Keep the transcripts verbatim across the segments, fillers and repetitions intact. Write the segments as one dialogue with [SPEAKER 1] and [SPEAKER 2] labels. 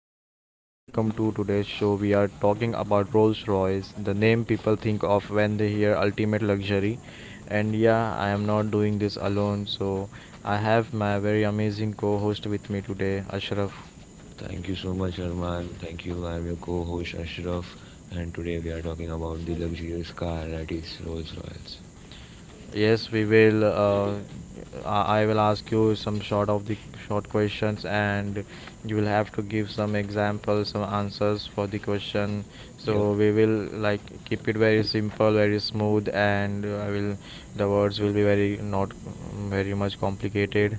[SPEAKER 1] podcast. Welcome to today's show. We are talking about Rolls Royce, the name people think of when they hear ultimate luxury. And yeah, I am not doing this alone, so I have my very amazing co host with me today, Ashraf.
[SPEAKER 2] Thank you so much, Arman. Thank you. I'm your co host, Ashraf, and today we are talking about the luxurious car that is Rolls Royce.
[SPEAKER 1] Yes, we will. Uh, I I will ask you some short of the short questions, and you will have to give some examples, some answers for the question. So
[SPEAKER 2] Yep.
[SPEAKER 1] we will like keep it very simple, very smooth, and I will the words will be very not very much complicated.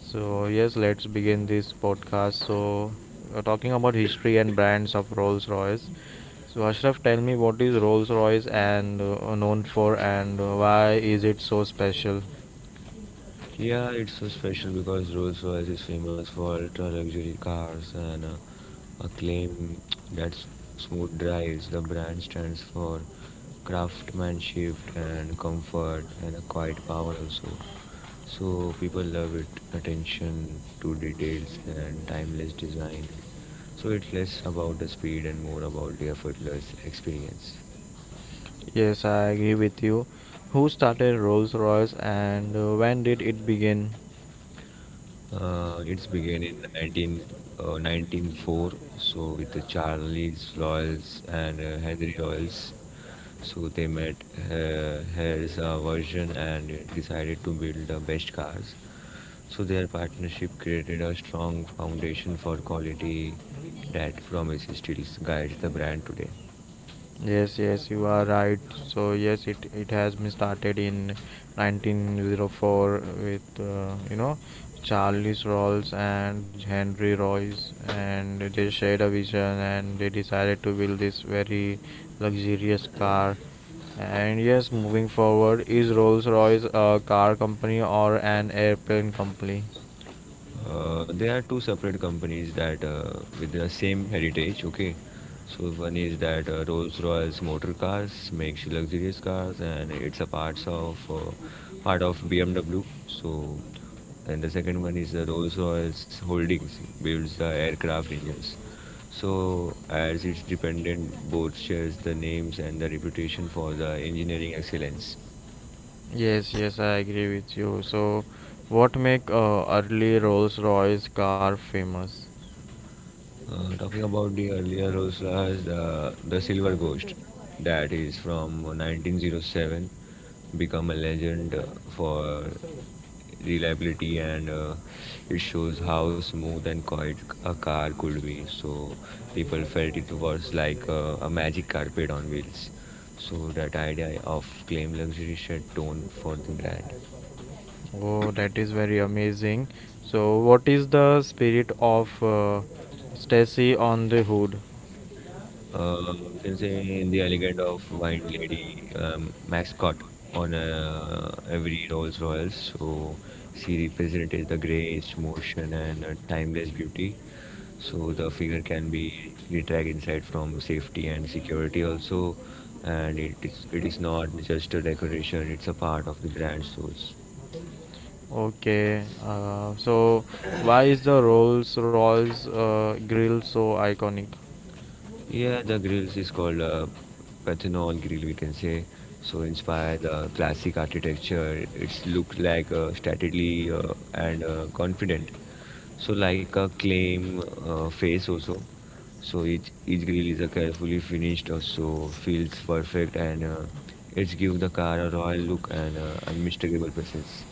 [SPEAKER 1] So yes, let's begin this podcast. So uh, talking about history and brands of Rolls Royce. So Ashraf, tell me what is Rolls-Royce and uh, known for, and uh, why is it so special?
[SPEAKER 2] Yeah, it's so special because Rolls-Royce is famous for ultra-luxury cars and uh, acclaim that's smooth drives. The brand stands for craftsmanship and comfort and a quiet power also. So people love it, attention to details and timeless design. So it's less about the speed and more about the effortless experience.
[SPEAKER 1] Yes, I agree with you. Who started Rolls Royce and uh, when did it begin?
[SPEAKER 2] Uh, it's began in nineteen, uh, nineteen oh four, so with the Charles Loyals and uh, Henry Loyals. So they met uh, Hell's uh, version and decided to build the best cars. So their partnership created a strong foundation for quality that promises still guides the brand today.
[SPEAKER 1] Yes, yes, you are right. So yes, it it has been started in nineteen oh four with uh, you know Charles Rolls and Henry Royce, and they shared a vision and they decided to build this very luxurious car. And yes, moving forward, is Rolls-Royce a car company or an airplane company?
[SPEAKER 2] Uh, there are two separate companies that uh, with the same heritage. Okay, so one is that uh, Rolls-Royce motor cars makes luxurious cars, and it's a parts of uh, part of B M W. So, and the second one is the Rolls-Royce Holdings builds the aircraft engines. So, as its dependent, both shares the names and the reputation for the engineering excellence.
[SPEAKER 1] Yes, yes, I agree with you. So, what make uh, early Rolls-Royce car famous?
[SPEAKER 2] Uh, talking about the earlier Rolls Royce, the, the Silver Ghost, that is from nineteen oh seven, become a legend uh, for reliability and uh, it shows how smooth and quiet a car could be. So people felt it was like uh, a magic carpet on wheels. So that idea of claim luxury shed tone for the brand.
[SPEAKER 1] Oh, that is very amazing. So, what is the spirit of uh, Stacy on the Hood?
[SPEAKER 2] Uh, you can say in the elegant of wine lady um, mascot on uh, every Rolls Royce. So she represented the grace, motion, and uh, timeless beauty. So the figure can be retract inside from safety and security also, and it is it is not just a decoration; it's a part of the brand source.
[SPEAKER 1] Okay. Uh, so, why is the Rolls Royce uh, grill so iconic?
[SPEAKER 2] Yeah, the grills is called uh, Pathanol grill, we can say. So inspired the classic architecture. It's look like uh, stately uh, and uh, confident. So like a claim uh, face also. So each each grill is a carefully finished, also feels perfect, and uh, it gives the car a royal look and uh, unmistakable presence.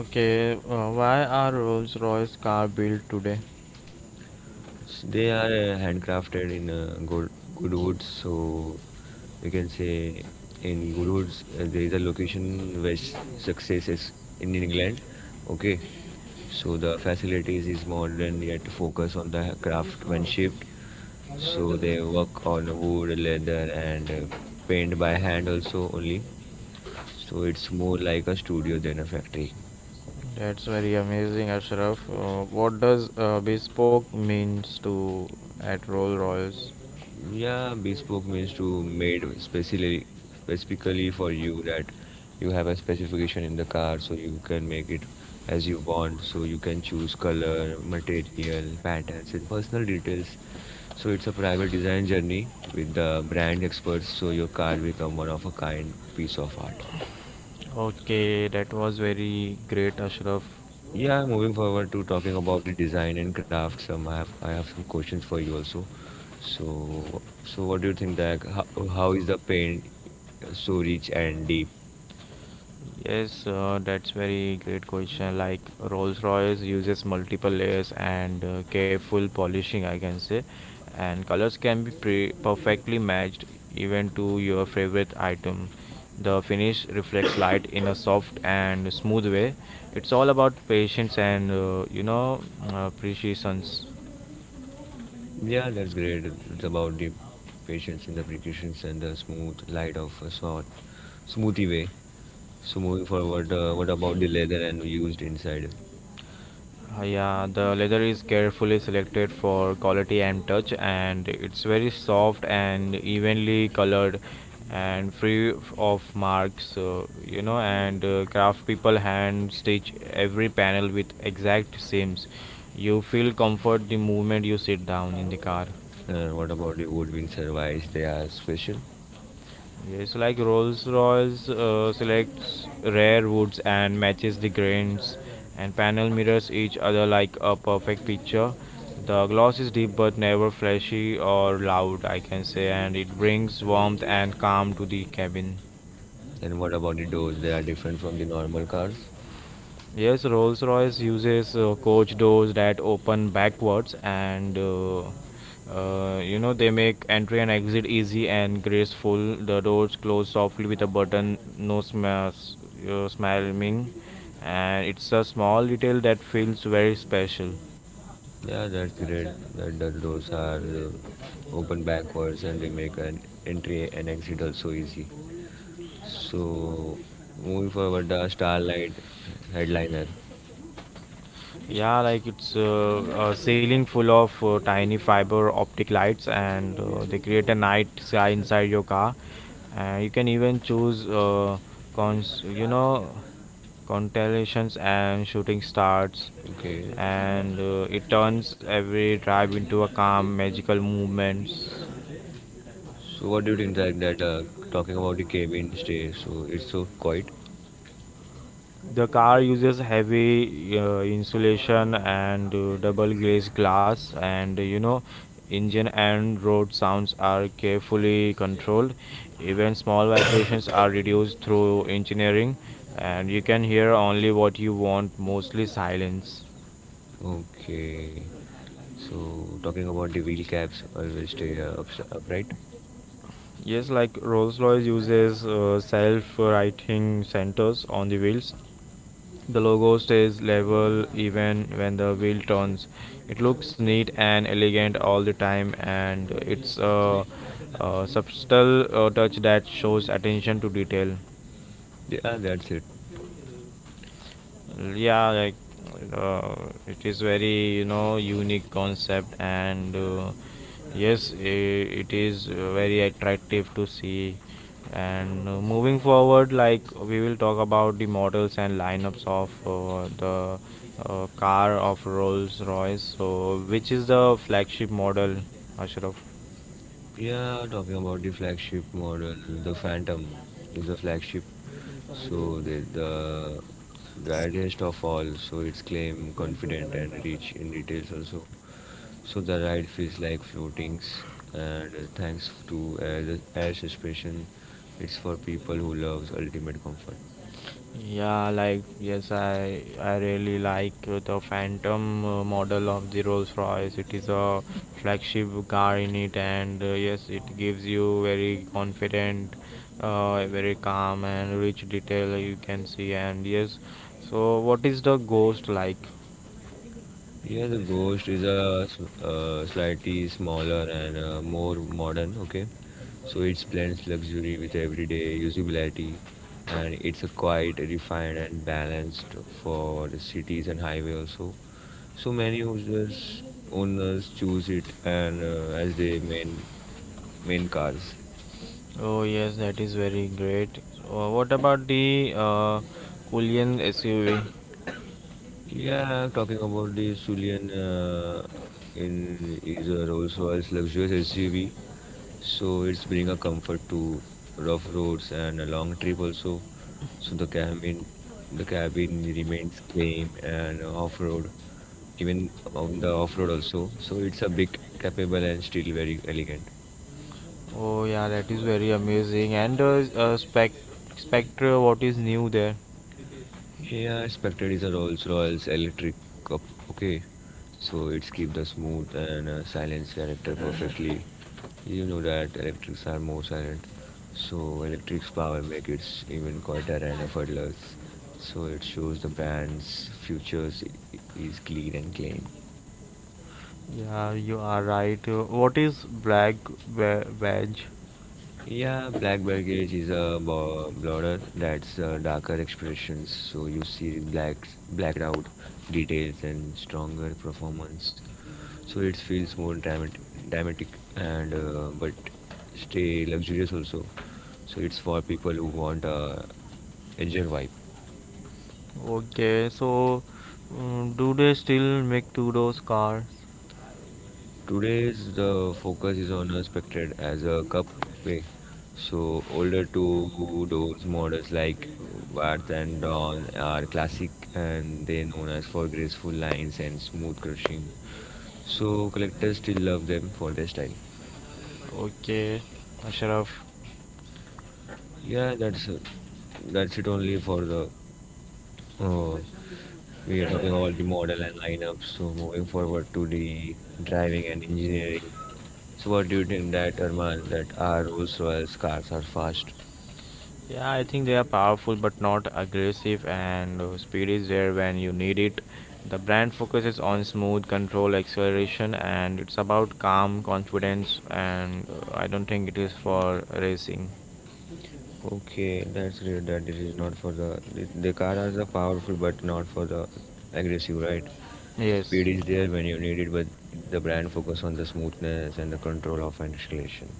[SPEAKER 1] Okay. Uh, why are Rolls Royce car built today?
[SPEAKER 2] They are uh, handcrafted in uh, good good woods, so we can say in good woods uh, there is a location where s- success is in England. Okay, so the facilities is modern yet focus on the craftsmanship. So they work on wood, leather, and uh, paint by hand also only. So it's more like a studio than a factory.
[SPEAKER 1] That's very amazing, Ashraf. Uh, what does uh, bespoke means to at Rolls Royce?
[SPEAKER 2] Yeah, bespoke means to made specially specifically for you that you have a specification in the car so you can make it as you want so you can choose color, material, patterns and personal details. So it's a private design journey with the brand experts so your car become one of a kind piece of art.
[SPEAKER 1] Okay, that was very great, Ashraf.
[SPEAKER 2] Yeah, moving forward to talking about the design and craft, some I have I have some questions for you also. So, so what do you think that how, how is the paint so rich and deep?
[SPEAKER 1] Yes, uh, that's very great question. Like Rolls-Royce uses multiple layers and uh, careful polishing, I can say, and colors can be pre perfectly matched even to your favorite item. The finish reflects light in a soft and smooth way. It's all about patience and uh, you know uh, precision.
[SPEAKER 2] Yeah, that's great. It's about the patience and the precautions and the smooth light of a sort, smoothie way. So moving forward, uh, what about the leather and used inside?
[SPEAKER 1] Uh, yeah, the leather is carefully selected for quality and touch, and it's very soft and evenly colored and free of marks, uh, you know. And uh, craft people hand stitch every panel with exact seams. You feel comfort the moment you sit down in the car.
[SPEAKER 2] Uh, what about the wood wind service? They are special.
[SPEAKER 1] Yes, like Rolls Royce uh, selects rare woods and matches the grains, and panel mirrors each other like a perfect picture. The gloss is deep but never flashy or loud, I can say, and it brings warmth and calm to the cabin.
[SPEAKER 2] And what about the doors? They are different from the normal cars.
[SPEAKER 1] Yes, Rolls Royce uses uh, coach doors that open backwards, and uh, uh, you know they make entry and exit easy and graceful. The doors close softly with a button, no smash, uh, smarming, and it's a small detail that feels very special.
[SPEAKER 2] Yeah, that's great that the doors are uh, open backwards and they make an entry and exit also easy. So, moving forward, the Starlight headliner.
[SPEAKER 1] Yeah, like it's uh, uh, ceiling full of uh, tiny fiber optic lights, and uh, they create a night sky inside your car. Uh, you can even choose uh, cons, you know, constellations and shooting stars,
[SPEAKER 2] Okay,
[SPEAKER 1] and uh, it turns every drive into a calm, magical movements.
[SPEAKER 2] so what do you think that, that uh, talking about the cabin stay? So, it's so quiet.
[SPEAKER 1] The car uses heavy uh, insulation and uh, double glazed glass, and uh, you know, engine and road sounds are carefully controlled. Even small vibrations are reduced through engineering, and you can hear only what you want, mostly silence.
[SPEAKER 2] Okay, so talking about the wheel caps, always stay uh, ups- upright.
[SPEAKER 1] Yes, like Rolls Royce uses uh, self writing centers on the wheels. The logo stays level even when the wheel turns. It looks neat and elegant all the time, and it's a, a subtle uh, touch that shows attention to detail.
[SPEAKER 2] Yeah, that's it.
[SPEAKER 1] Yeah, like uh, it is very you know unique concept and uh, yes i- it is uh, very attractive to see, and uh, moving forward like we will talk about the models and lineups of uh, the uh, car of Rolls Royce. So which is the flagship model, Ashraf?
[SPEAKER 2] Yeah, talking about the flagship model, the Phantom is a flagship. So the, the rarest of all, so its claim confident and rich in details also. So the ride feels like floatings and uh, thanks to air, air suspension, it's for people who loves ultimate comfort.
[SPEAKER 1] Yeah, like yes, I I really like uh, the Phantom uh, model of the Rolls-Royce. It is a flagship car in it, and uh, yes, it gives you very confident, uh, very calm and rich detail you can see. And yes, so what is the Ghost like?
[SPEAKER 2] Yeah, the Ghost is a s- uh, slightly smaller and uh, more modern. Okay, so it blends luxury with everyday usability, and it's a quite refined and balanced for the cities and highway also. So many users owners choose it and uh, as their main main cars.
[SPEAKER 1] Oh yes, that is very great. So, what about the uh, Cullinan S U V?
[SPEAKER 2] Yeah, talking about the Sulian uh, in is a Rolls-Royce luxurious S U V, so it's bringing a comfort to rough roads and a long trip also. So the cabin, the cabin remains clean and off-road, even on the off-road also. So it's a big, capable and still very elegant.
[SPEAKER 1] Oh yeah, that is very amazing. And uh, uh, Spec Spectre, what is new there?
[SPEAKER 2] Yeah, expected is a Rolls Royce electric cup. Okay, so it's keep the smooth and uh, silence character perfectly. You know that electrics are more silent, so electric's power make it even quieter and effortless. So it shows the brand's futures i- i- is clean and clean.
[SPEAKER 1] Yeah, you are right. Uh, what is black ve- veg?
[SPEAKER 2] Yeah, black baggage is a bo- border that's uh, darker expressions. So you see blacks, blacked out details and stronger performance. So it feels more dramat- dramatic and uh, but stay luxurious also. So it's for people who want uh, a edgier vibe.
[SPEAKER 1] Okay, so um, do they still make Tudor's cars?
[SPEAKER 2] Today's the focus is on Unexpected as a cupway. So older two doors models like Wart and Dawn are classic and they known as for graceful lines and smooth crushing. So collectors still love them for their style.
[SPEAKER 1] Okay, Ashraf.
[SPEAKER 2] Yeah, that's that's it only for the. Uh, we are talking about the model and lineup. So moving forward to the driving and engineering. So what do you think that Arman that our Rolls Royce cars are fast?
[SPEAKER 1] Yeah, I think they are powerful but not aggressive, and uh, speed is there when you need it. The brand focuses on smooth control, acceleration, and it's about calm confidence. And uh, I don't think it is for racing.
[SPEAKER 2] Okay, that's great that this is not for the the, the car are the powerful but not for the aggressive, right?
[SPEAKER 1] Yes.
[SPEAKER 2] Speed is there when you need it, but the brand focus on the smoothness and the control of an acceleration.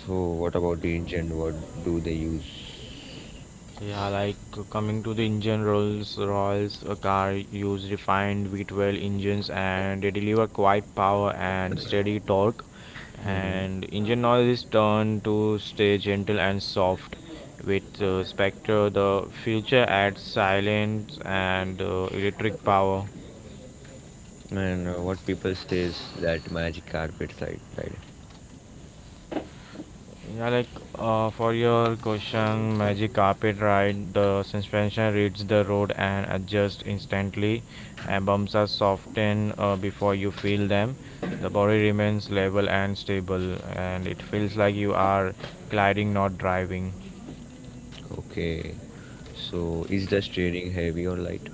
[SPEAKER 2] So, what about the ancient? What do they use?
[SPEAKER 1] Yeah, like uh, coming to the engine, Rolls-Royce uh, car use refined V twelve engines and they deliver quiet power and steady torque.
[SPEAKER 2] Hmm.
[SPEAKER 1] And engine noise is turned to stay gentle and soft. With uh, Spectre, the future adds silence and uh, electric power.
[SPEAKER 2] And uh, what people says that magic carpet side, right?
[SPEAKER 1] Yeah, like uh, for your question, magic carpet ride, the suspension reads the road and adjusts instantly, and bumps are softened uh, before you feel them. The body remains level and stable, and it feels like you are gliding, not driving.
[SPEAKER 2] Okay. So, is the steering heavy or light?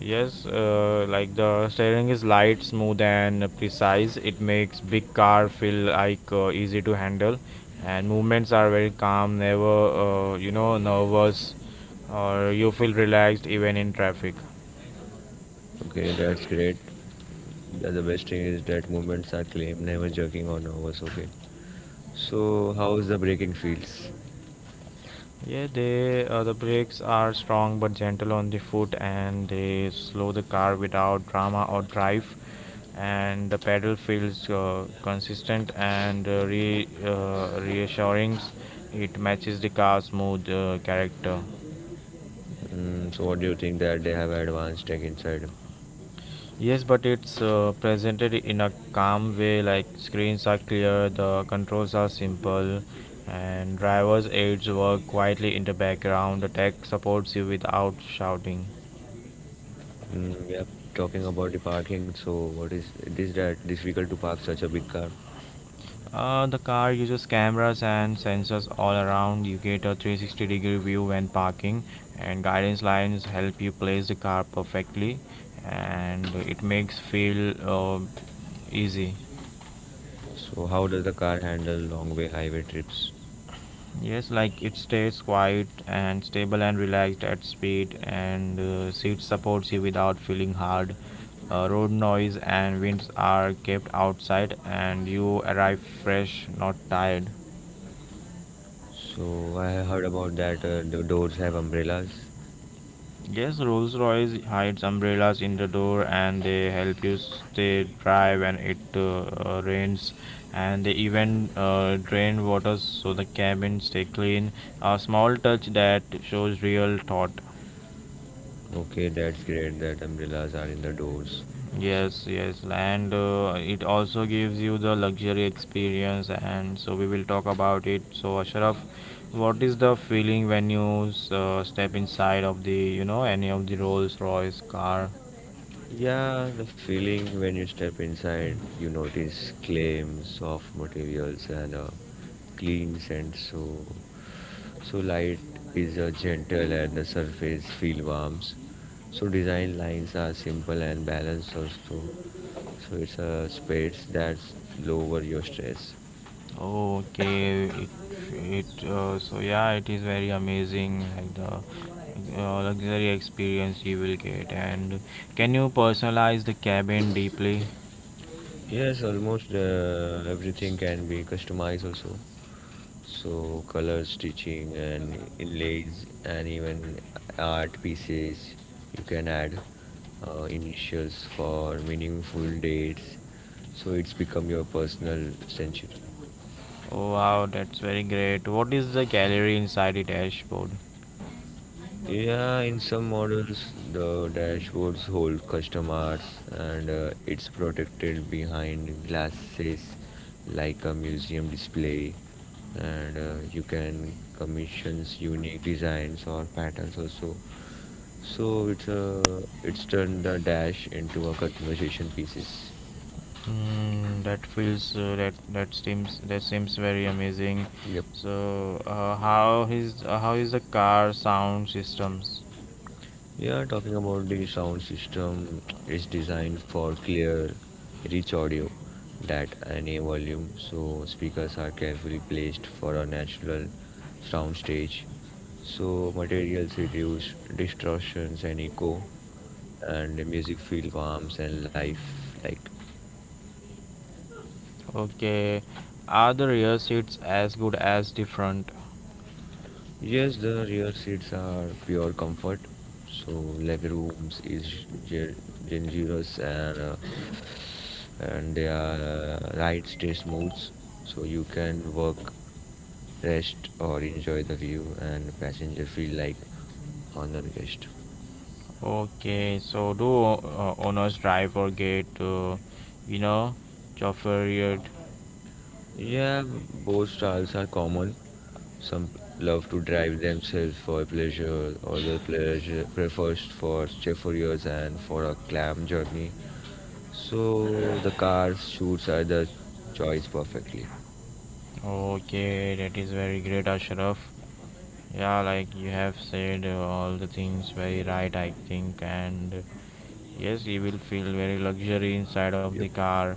[SPEAKER 1] Yes, uh, like the steering is light, smooth, and precise. It makes big car feel like uh, easy to handle, and movements are very calm, never uh, you know nervous, or you feel relaxed even in traffic.
[SPEAKER 2] Okay, that's great. The, the best thing is that movements are clean, never jerking on overs. Okay. So, how is the braking feels?
[SPEAKER 1] Yeah, they uh, the brakes are strong but gentle on the foot, and they slow the car without drama or drive. And the pedal feels uh, consistent and uh, re uh, reassuring. It matches the car's smooth uh, character.
[SPEAKER 2] Mm, so, what do you think that they have advanced tech inside?
[SPEAKER 1] Yes, but it's uh, presented in a calm way. Like screens are clear, the controls are simple, and driver's aids work quietly in the background. The tech supports you without shouting.
[SPEAKER 2] Mm, yep. Talking about the parking, so what is it is that difficult to park such a big car?
[SPEAKER 1] Uh, the car uses cameras and sensors all around. You get a three sixty degree view when parking, and guidance lines help you place the car perfectly, and it makes feel uh, easy.
[SPEAKER 2] So, how does the car handle long way highway trips?
[SPEAKER 1] Yes, like it stays quiet and stable and relaxed at speed, and uh, seat supports you without feeling hard. Uh, road noise and winds are kept outside, and you arrive fresh, not tired.
[SPEAKER 2] So, I heard about that uh, the doors have umbrellas.
[SPEAKER 1] Yes, Rolls Royce hides umbrellas in the door and they help you stay dry when it uh, uh, rains. And they even uh, drain water so the cabin stay clean. A small touch that shows real thought.
[SPEAKER 2] Okay, that's great that umbrellas are in the doors. So,
[SPEAKER 1] Yes, yes, and uh, it also gives you the luxury experience. And so we will talk about it. So Ashraf, what is the feeling when you uh, step inside of the you know any of the Rolls Royce car?
[SPEAKER 2] yeah, the feeling when you step inside, you notice claims, soft materials, and a clean scent. So, so light is a gentle, and the surface feel warms. So design lines are simple and balanced also. So it's a space that's lower your stress.
[SPEAKER 1] Okay, it, it uh, so yeah, it is very amazing like the uh, luxury experience you will get. And can you personalize the cabin deeply?
[SPEAKER 2] Yes, almost uh, everything can be customized also. So color stitching and inlays and even art pieces you can add uh, initials for meaningful dates. So it's become your personal century.
[SPEAKER 1] Oh wow, that's very great. What is the gallery inside the dashboard?
[SPEAKER 2] Yeah, in some models, the dashboards hold custom arts and uh, it's protected behind glasses like a museum display. And uh, you can commission unique designs or patterns also. So it's a it's turned the dash into a conversation pieces.
[SPEAKER 1] Hmm, that feels uh, that that seems that seems very amazing.
[SPEAKER 2] Yep.
[SPEAKER 1] So uh, how is uh, how is the car sound systems?
[SPEAKER 2] Yeah, talking about the sound system, it's designed for clear, rich audio that any volume, so speakers are carefully placed for a natural sound stage. So materials reduce distortions and echo, and the music feels warm and life-like.
[SPEAKER 1] Okay, are the rear seats as good as the front?
[SPEAKER 2] Yes, the rear seats are pure comfort. So legroom is ge- generous and uh, and they are uh, ride stay smooth. So you can work, rest, or enjoy the view, and passenger feel like honored guest.
[SPEAKER 1] Okay, so do uh, owners drive or get, uh, you know, chauffeured?
[SPEAKER 2] Yeah, both styles are common. Some love to drive themselves for pleasure, other pleasure prefers for chauffeurs and for a clam journey. So the cars suits are the choice perfectly.
[SPEAKER 1] Okay, that is very great, Ashraf. Yeah, like you have said uh, all the things very right, I think. And uh, yes, you will feel very luxury inside of the
[SPEAKER 2] Yep.
[SPEAKER 1] car.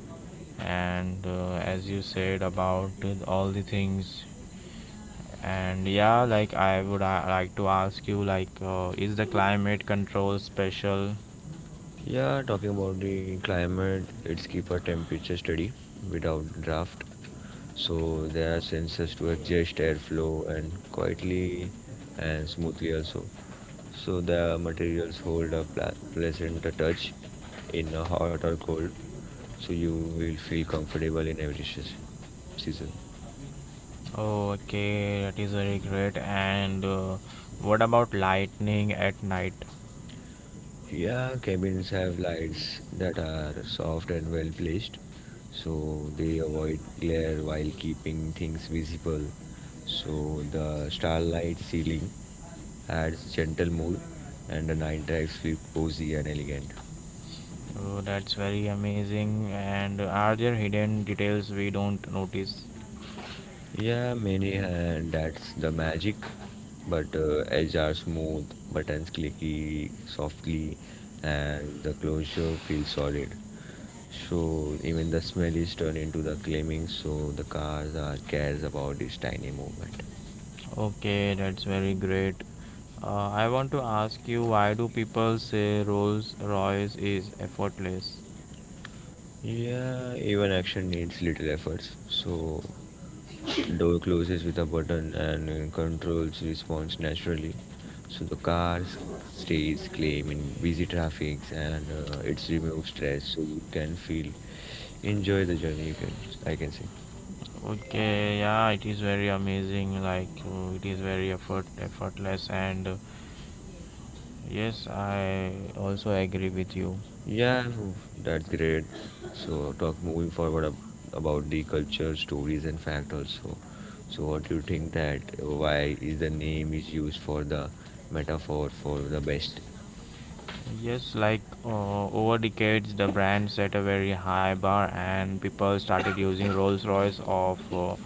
[SPEAKER 1] And uh, as you said about uh, all the things. And yeah, like I would uh, like to ask you, like, uh, is the climate control special?
[SPEAKER 2] Yeah, talking about the climate, it's keep our temperature steady without draft. So there are sensors to adjust airflow and quietly and smoothly also. So the materials hold a pla- pleasant touch in a hot or cold. So you will feel comfortable in every seas- season.
[SPEAKER 1] Oh, okay, that is very great. And uh, what about lightning at night?
[SPEAKER 2] Yeah, cabins have lights that are soft and well placed, so they avoid glare while keeping things visible. So the starlight ceiling adds gentle mood, and the night drives feel cozy and elegant.
[SPEAKER 1] Oh, that's very amazing. And are there hidden details we don't notice?
[SPEAKER 2] Yeah, many and that's the magic. But uh, edge are smooth, buttons clicky softly, and the closure feels solid. So even the smell is turned into the claiming. So the cars are cares about this tiny movement.
[SPEAKER 1] Okay, that's very great. Uh, I want to ask you why do people say Rolls Royce is effortless?
[SPEAKER 2] Yeah, even action needs little efforts. So, door closes with a button and uh, controls response naturally. So the car s- stays calm in busy traffics and uh, it's removes stress. So you can feel enjoy the journey. You can I can say.
[SPEAKER 1] Okay, yeah, it is very amazing. Like uh, it is very effort effortless, and uh, yes, I also agree with you.
[SPEAKER 2] Yeah, w- that's great. So, talk moving forward ab about the culture, stories, and fact also. So, what do you think that uh, why is the name is used for the metaphor for the best?
[SPEAKER 1] Yes, like uh, over decades, the brand set a very high bar, and people started using Rolls Royce of uh,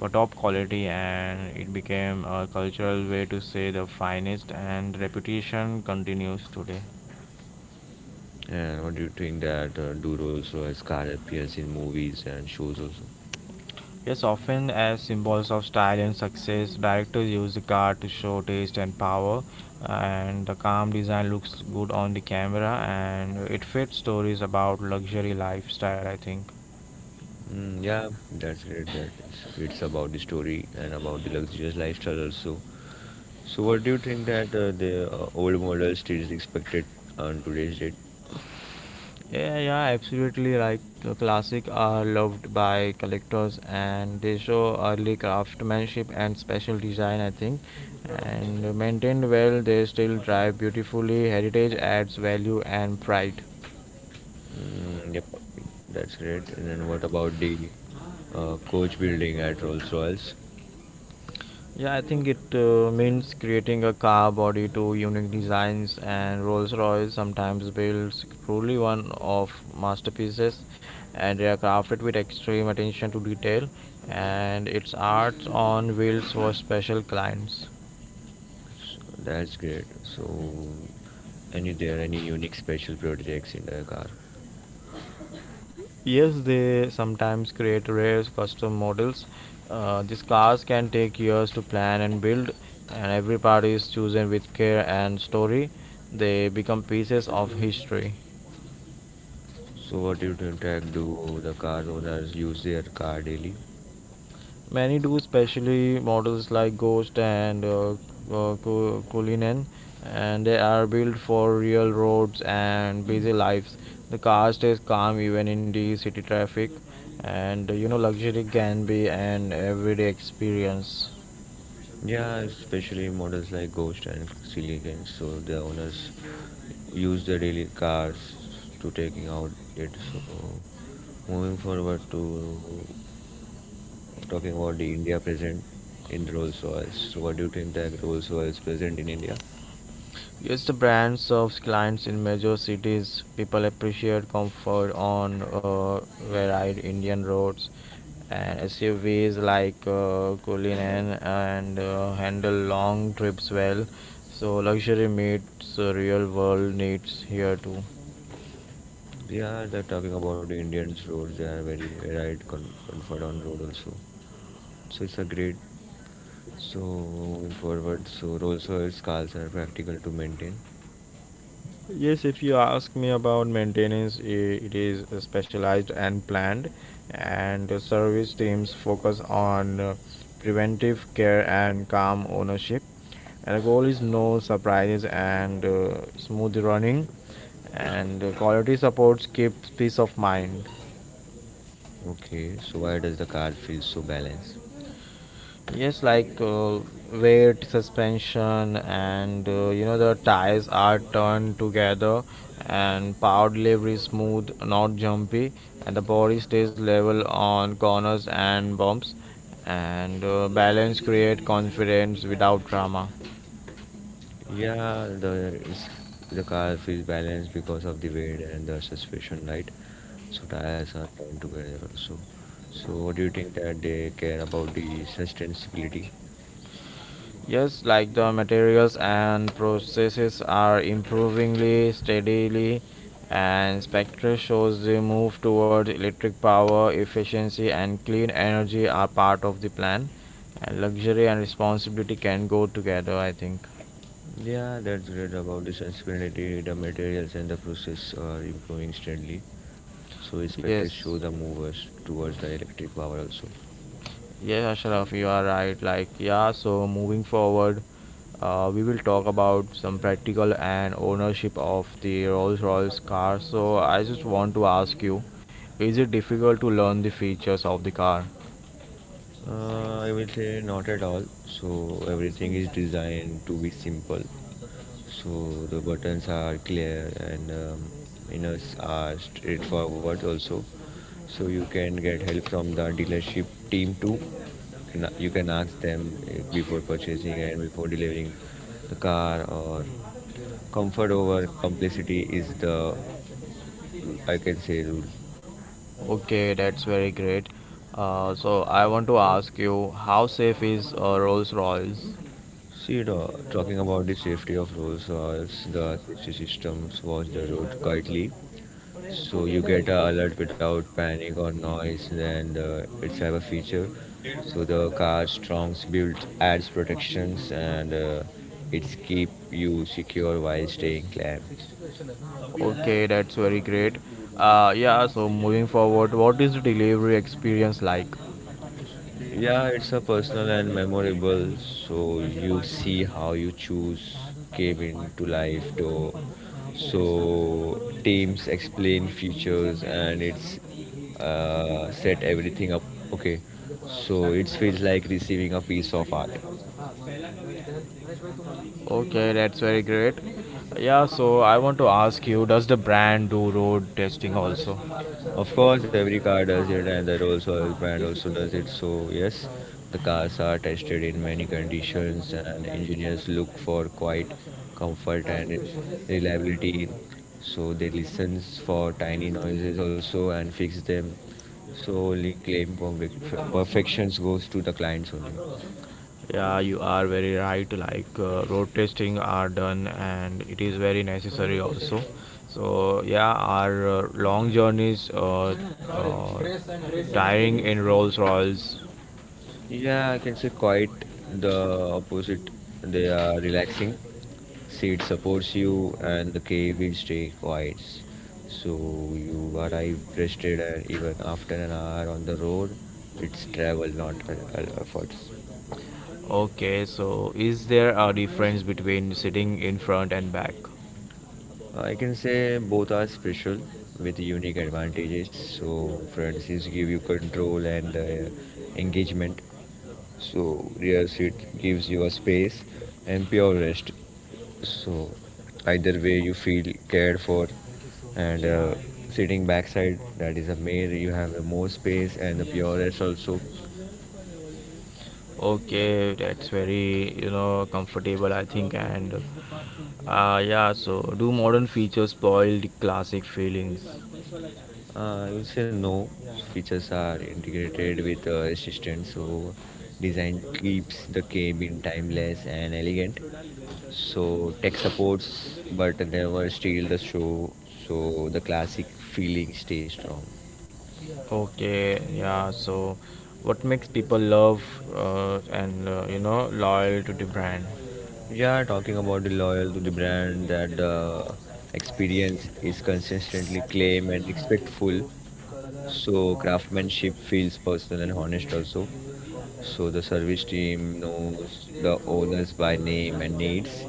[SPEAKER 1] for top quality, and it became a cultural way to say the finest, and reputation continues today.
[SPEAKER 2] And what do you think that uh, do also as car appears in movies and shows also?
[SPEAKER 1] Yes, often as symbols of style and success, directors use the car to show taste and power, and the calm design looks good on the camera, and it fits stories about luxury lifestyle, I think.
[SPEAKER 2] Mm, yeah, that's great. That it's, it's about the story and about the luxurious lifestyle also. So, what do you think that uh, the uh, old model still is expected on today's date?
[SPEAKER 1] Yeah, yeah, absolutely right. Uh, classic are loved by collectors and they show early craftsmanship and special design, I think. And maintained well, they still drive beautifully. Heritage adds value and pride.
[SPEAKER 2] Mm, yep, that's great. And then what about the uh, coach building at Rolls Royce?
[SPEAKER 1] Yeah, I think it uh, means creating a car body to unique designs, and Rolls-Royce sometimes builds truly one of masterpieces, and they are crafted with extreme attention to detail, and its art on wheels for special clients.
[SPEAKER 2] So that's great. So, any there any unique special projects in the car?
[SPEAKER 1] Yes, they sometimes create rare custom models. Uh, these cars can take years to plan and build, and every part is chosen with care and story. They become pieces of history.
[SPEAKER 2] So, what do you think, like, do the car owners use their car daily?
[SPEAKER 1] Many do, especially models like Ghost and uh, uh, Ku- Kulinen, and they are built for real roads and busy lives. The car stays calm even in the city traffic, and uh, you know, luxury can be an everyday experience.
[SPEAKER 2] Yeah, especially models like Ghost and Silicon. So the owners use the daily cars to taking out it. So moving forward to we're talking about the India present in Rolls Royce. So, what do you think that Rolls Royce present in India?
[SPEAKER 1] Yes, the brands serves clients in major cities. People appreciate comfort on uh, varied Indian roads. And S U Vs like uh, Cullinan and uh, handle long trips well. So luxury meets uh, real world needs here too.
[SPEAKER 2] Yeah, they're talking about the Indians roads. They are very varied, con- comfort on road also. So it's a great. So moving forward, so Rolls Royce cars are practical to maintain.
[SPEAKER 1] Yes, if you ask me about maintenance, i- it is specialized and planned, and the service teams focus on uh, preventive care and calm ownership. And the goal is no surprises and uh, smooth running, and uh, quality supports keeps peace of mind.
[SPEAKER 2] Okay, so why does the car feel so balanced?
[SPEAKER 1] Yes, like uh, weight, suspension, and uh, you know the tires are turned together, and power delivery is smooth, not jumpy, and the body stays level on corners and bumps, and uh, balance create confidence without drama.
[SPEAKER 2] Yeah, the it's, the car feels balanced because of the weight and the suspension, right? So tires are turned together also. So what do you think that they care about the sustainability?
[SPEAKER 1] Yes, like the materials and processes are improvingly steadily, and Spectre shows the move toward electric power efficiency and clean energy are part of the plan. And luxury and responsibility can go together, I think.
[SPEAKER 2] Yeah, that's great about the sustainability. The materials and the process are improving steadily. So expected
[SPEAKER 1] Yes,
[SPEAKER 2] show the movers towards the electric power also.
[SPEAKER 1] yes, Ashraf, you are right. Like, yeah, so moving forward, Uh, we will talk about some practical and ownership of the Rolls Royce car. So, I just want to ask you, is it difficult to learn the features of the car?
[SPEAKER 2] Uh, I will say not at all. So everything is designed to be simple. So the buttons are clear and um, menus are straightforward also. So you can get help from the dealership team too. Can- You can ask them uh, before purchasing and before delivering the car, or comfort over complexity is the, I can say, rule.
[SPEAKER 1] Okay, that's very great. Uh, so, I want to ask you, how safe is uh, Rolls Royce?
[SPEAKER 2] See, you know, talking about the safety of Rolls Royce, the safety systems watch the road quietly, so you get a alert without panic or noise, and uh, it's have a feature, so the car's strong built adds protections, and uh, it's keep you secure while staying calm.
[SPEAKER 1] Okay, that's very great. Uh, yeah, so moving forward, what is the delivery experience like?
[SPEAKER 2] Yeah, it's a personal and memorable. So you see how you choose came into life though. So teams explain futures and it's uh, set everything up. Okay, so it feels like receiving a piece of art.
[SPEAKER 1] Okay, that's very great. Yeah, so I want to ask you, does the brand do road testing also?
[SPEAKER 2] Of course, every car does it, and that also brand also does it. So yes, the cars are tested in many conditions, and engineers look for quiet comfort and reliability. So they listens for tiny noises also and fix them. So only claim perfec- perfections goes to the clients only.
[SPEAKER 1] Yeah, you are very right. Like uh, road testing are done, and it is very necessary also. So yeah, our uh, long journeys uh, uh, tiring in Rolls Royce.
[SPEAKER 2] Yeah, I can say quite the opposite. They are relaxing. Seat supports you and the cave will stay quiet. So you arrive rested, and even after an hour on the road, it's travel, not uh, uh, efforts.
[SPEAKER 1] Okay, so is there a difference between sitting in front and back?
[SPEAKER 2] I can say both are special with unique advantages. So front seats give you control and uh, engagement. So rear seat gives you a space and pure rest. So either way you feel cared for, and uh, sitting backside, that is a mare, you have a more space and the purest also.
[SPEAKER 1] Okay, that's very, you know, comfortable, I think. And uh, yeah, so do modern features spoil the classic feelings?
[SPEAKER 2] uh, I would say no, features are integrated with uh, assistant, so design keeps the cabin timeless and elegant, so tech supports but never steal the show, so the classic feeling stays strong.
[SPEAKER 1] Okay, yeah, so what makes people love uh, and, uh, you know, loyal to the brand?
[SPEAKER 2] Yeah, talking about the loyal to the brand, that the experience is consistently claim and respectful, so craftsmanship feels personal and honest also. So the service team knows the owners by name and needs,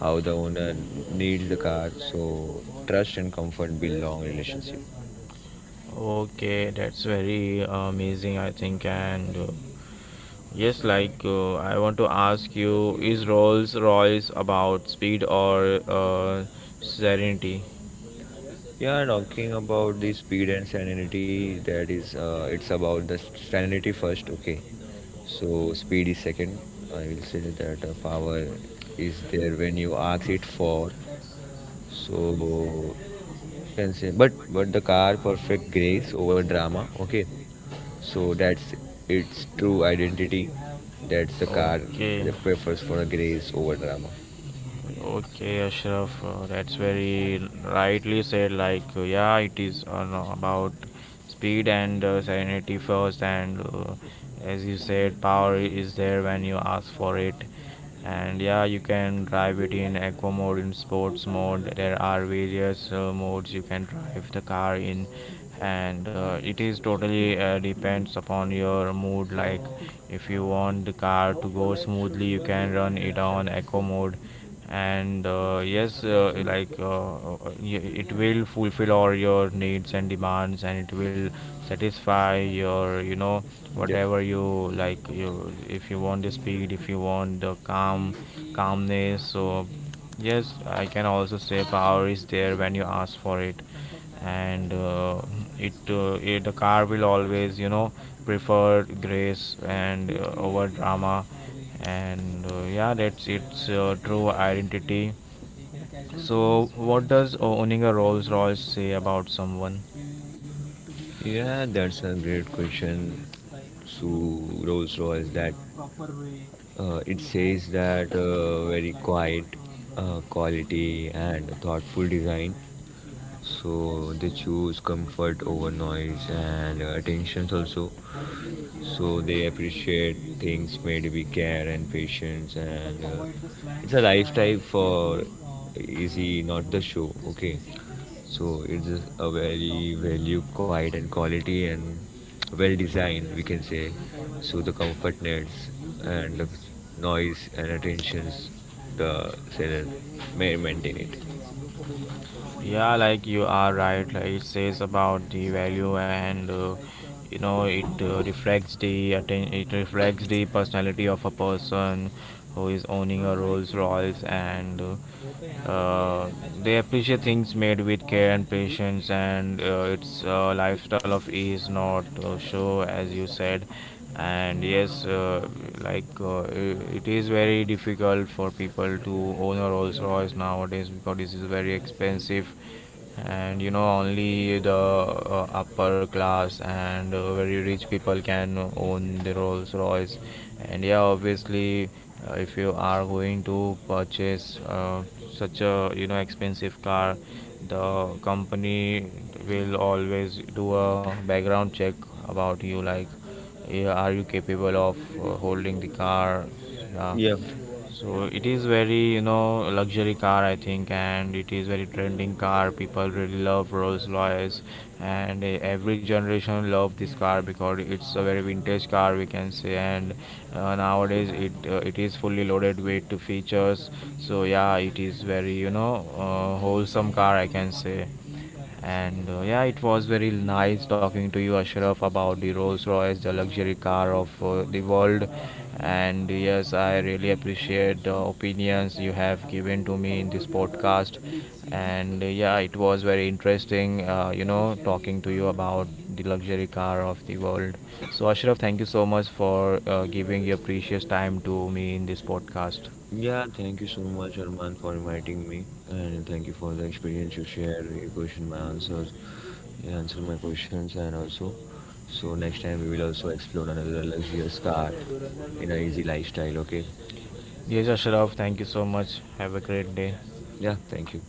[SPEAKER 2] how the owner needs the car. So trust and comfort build long relationship.
[SPEAKER 1] Okay, that's very uh, amazing, I think. And uh, Yes, like uh, I want to ask you, is Rolls Royce about speed or uh, serenity?
[SPEAKER 2] Yeah, talking about the speed and sanity, that is, uh, it's about the sanity first, okay. So speed is second. I will say that uh, power is there when you ask it for. So you can say, but but the car perfect grace over drama. Okay, so that's its true identity. That's the car
[SPEAKER 1] Okay.
[SPEAKER 2] that prefers for a grace over drama.
[SPEAKER 1] Okay, Ashraf, uh, that's very rightly said. Like, uh, yeah, it is on, about speed and uh, sanity first, and uh, as you said, power is there when you ask for it. And yeah, you can drive it in eco mode, in sports mode. There are various uh, modes you can drive the car in, and uh, it is totally uh, depends upon your mood. Like, if you want the car to go smoothly, you can run it on eco mode and uh, yes uh, like uh, uh, y- it will fulfill all your needs and demands, and it will satisfy your, you know,
[SPEAKER 2] Yep.
[SPEAKER 1] whatever you like. You, if you want the speed, if you want the calm calmness so yes, I can also say power is there when you ask for it. And uh, it, uh, it, the car will always, you know, prefer grace and uh, over drama, and uh, yeah, that's its uh, true identity. So what does o- owning a Rolls Royce say about someone?
[SPEAKER 2] Yeah, that's a great question. So Rolls Royce, that uh, it says that uh, very quiet uh, quality and thoughtful design. So they choose comfort over noise and uh, attentions also. So they appreciate things made with care and patience, and uh, it's a lifestyle for easy, not the show, okay. So it's a a very value quiet and quality and well designed, we can say. So the comfort nets and the noise and attentions, the seller may maintain it,
[SPEAKER 1] Yeah, like you are right. Like, it says about the value, and uh, you know, it uh, reflects the atten- it reflects the personality of a person who is owning a Rolls Royce, and uh, uh, they appreciate things made with care and patience, and uh, it's a lifestyle of ease, not uh, show, as you said. And yes, uh, like uh, i- it is very difficult for people to own a Rolls Royce nowadays because this is very expensive, and you know, only the uh, upper class and uh, very rich people can own the Rolls Royce. And yeah, obviously, uh, if you are going to purchase uh, such a, you know, expensive car, the company will always do a background check about you. Like, yeah, are you capable of uh, holding the car? Yeah.
[SPEAKER 2] yeah.
[SPEAKER 1] So it is very, you know, luxury car, I think, and it is very trending car. People really love Rolls Royce, and uh, every generation love this car because it's a very vintage car, we can say. And uh, nowadays, it uh, it is fully loaded with the features. So yeah, it is very, you know, uh, wholesome car, I can say. And uh, yeah, it was very nice talking to you, Ashraf, about the Rolls Royce, the luxury car of uh, the world. And yes, I really appreciate the opinions you have given to me in this podcast. And uh, yeah, it was very interesting, uh, you know, talking to you about the luxury car of the world. So, Ashraf, thank you so much for uh, giving your precious time to me in this podcast.
[SPEAKER 2] Yeah, thank you so much, Arman, for inviting me, and thank you for the experience you share, your question, my answers, you answer my questions, and also, so next time we will also explore another luxurious car in a easy lifestyle. Okay?
[SPEAKER 1] Yes, Ashraf, thank you so much. Have a great day.
[SPEAKER 2] Yeah, thank you.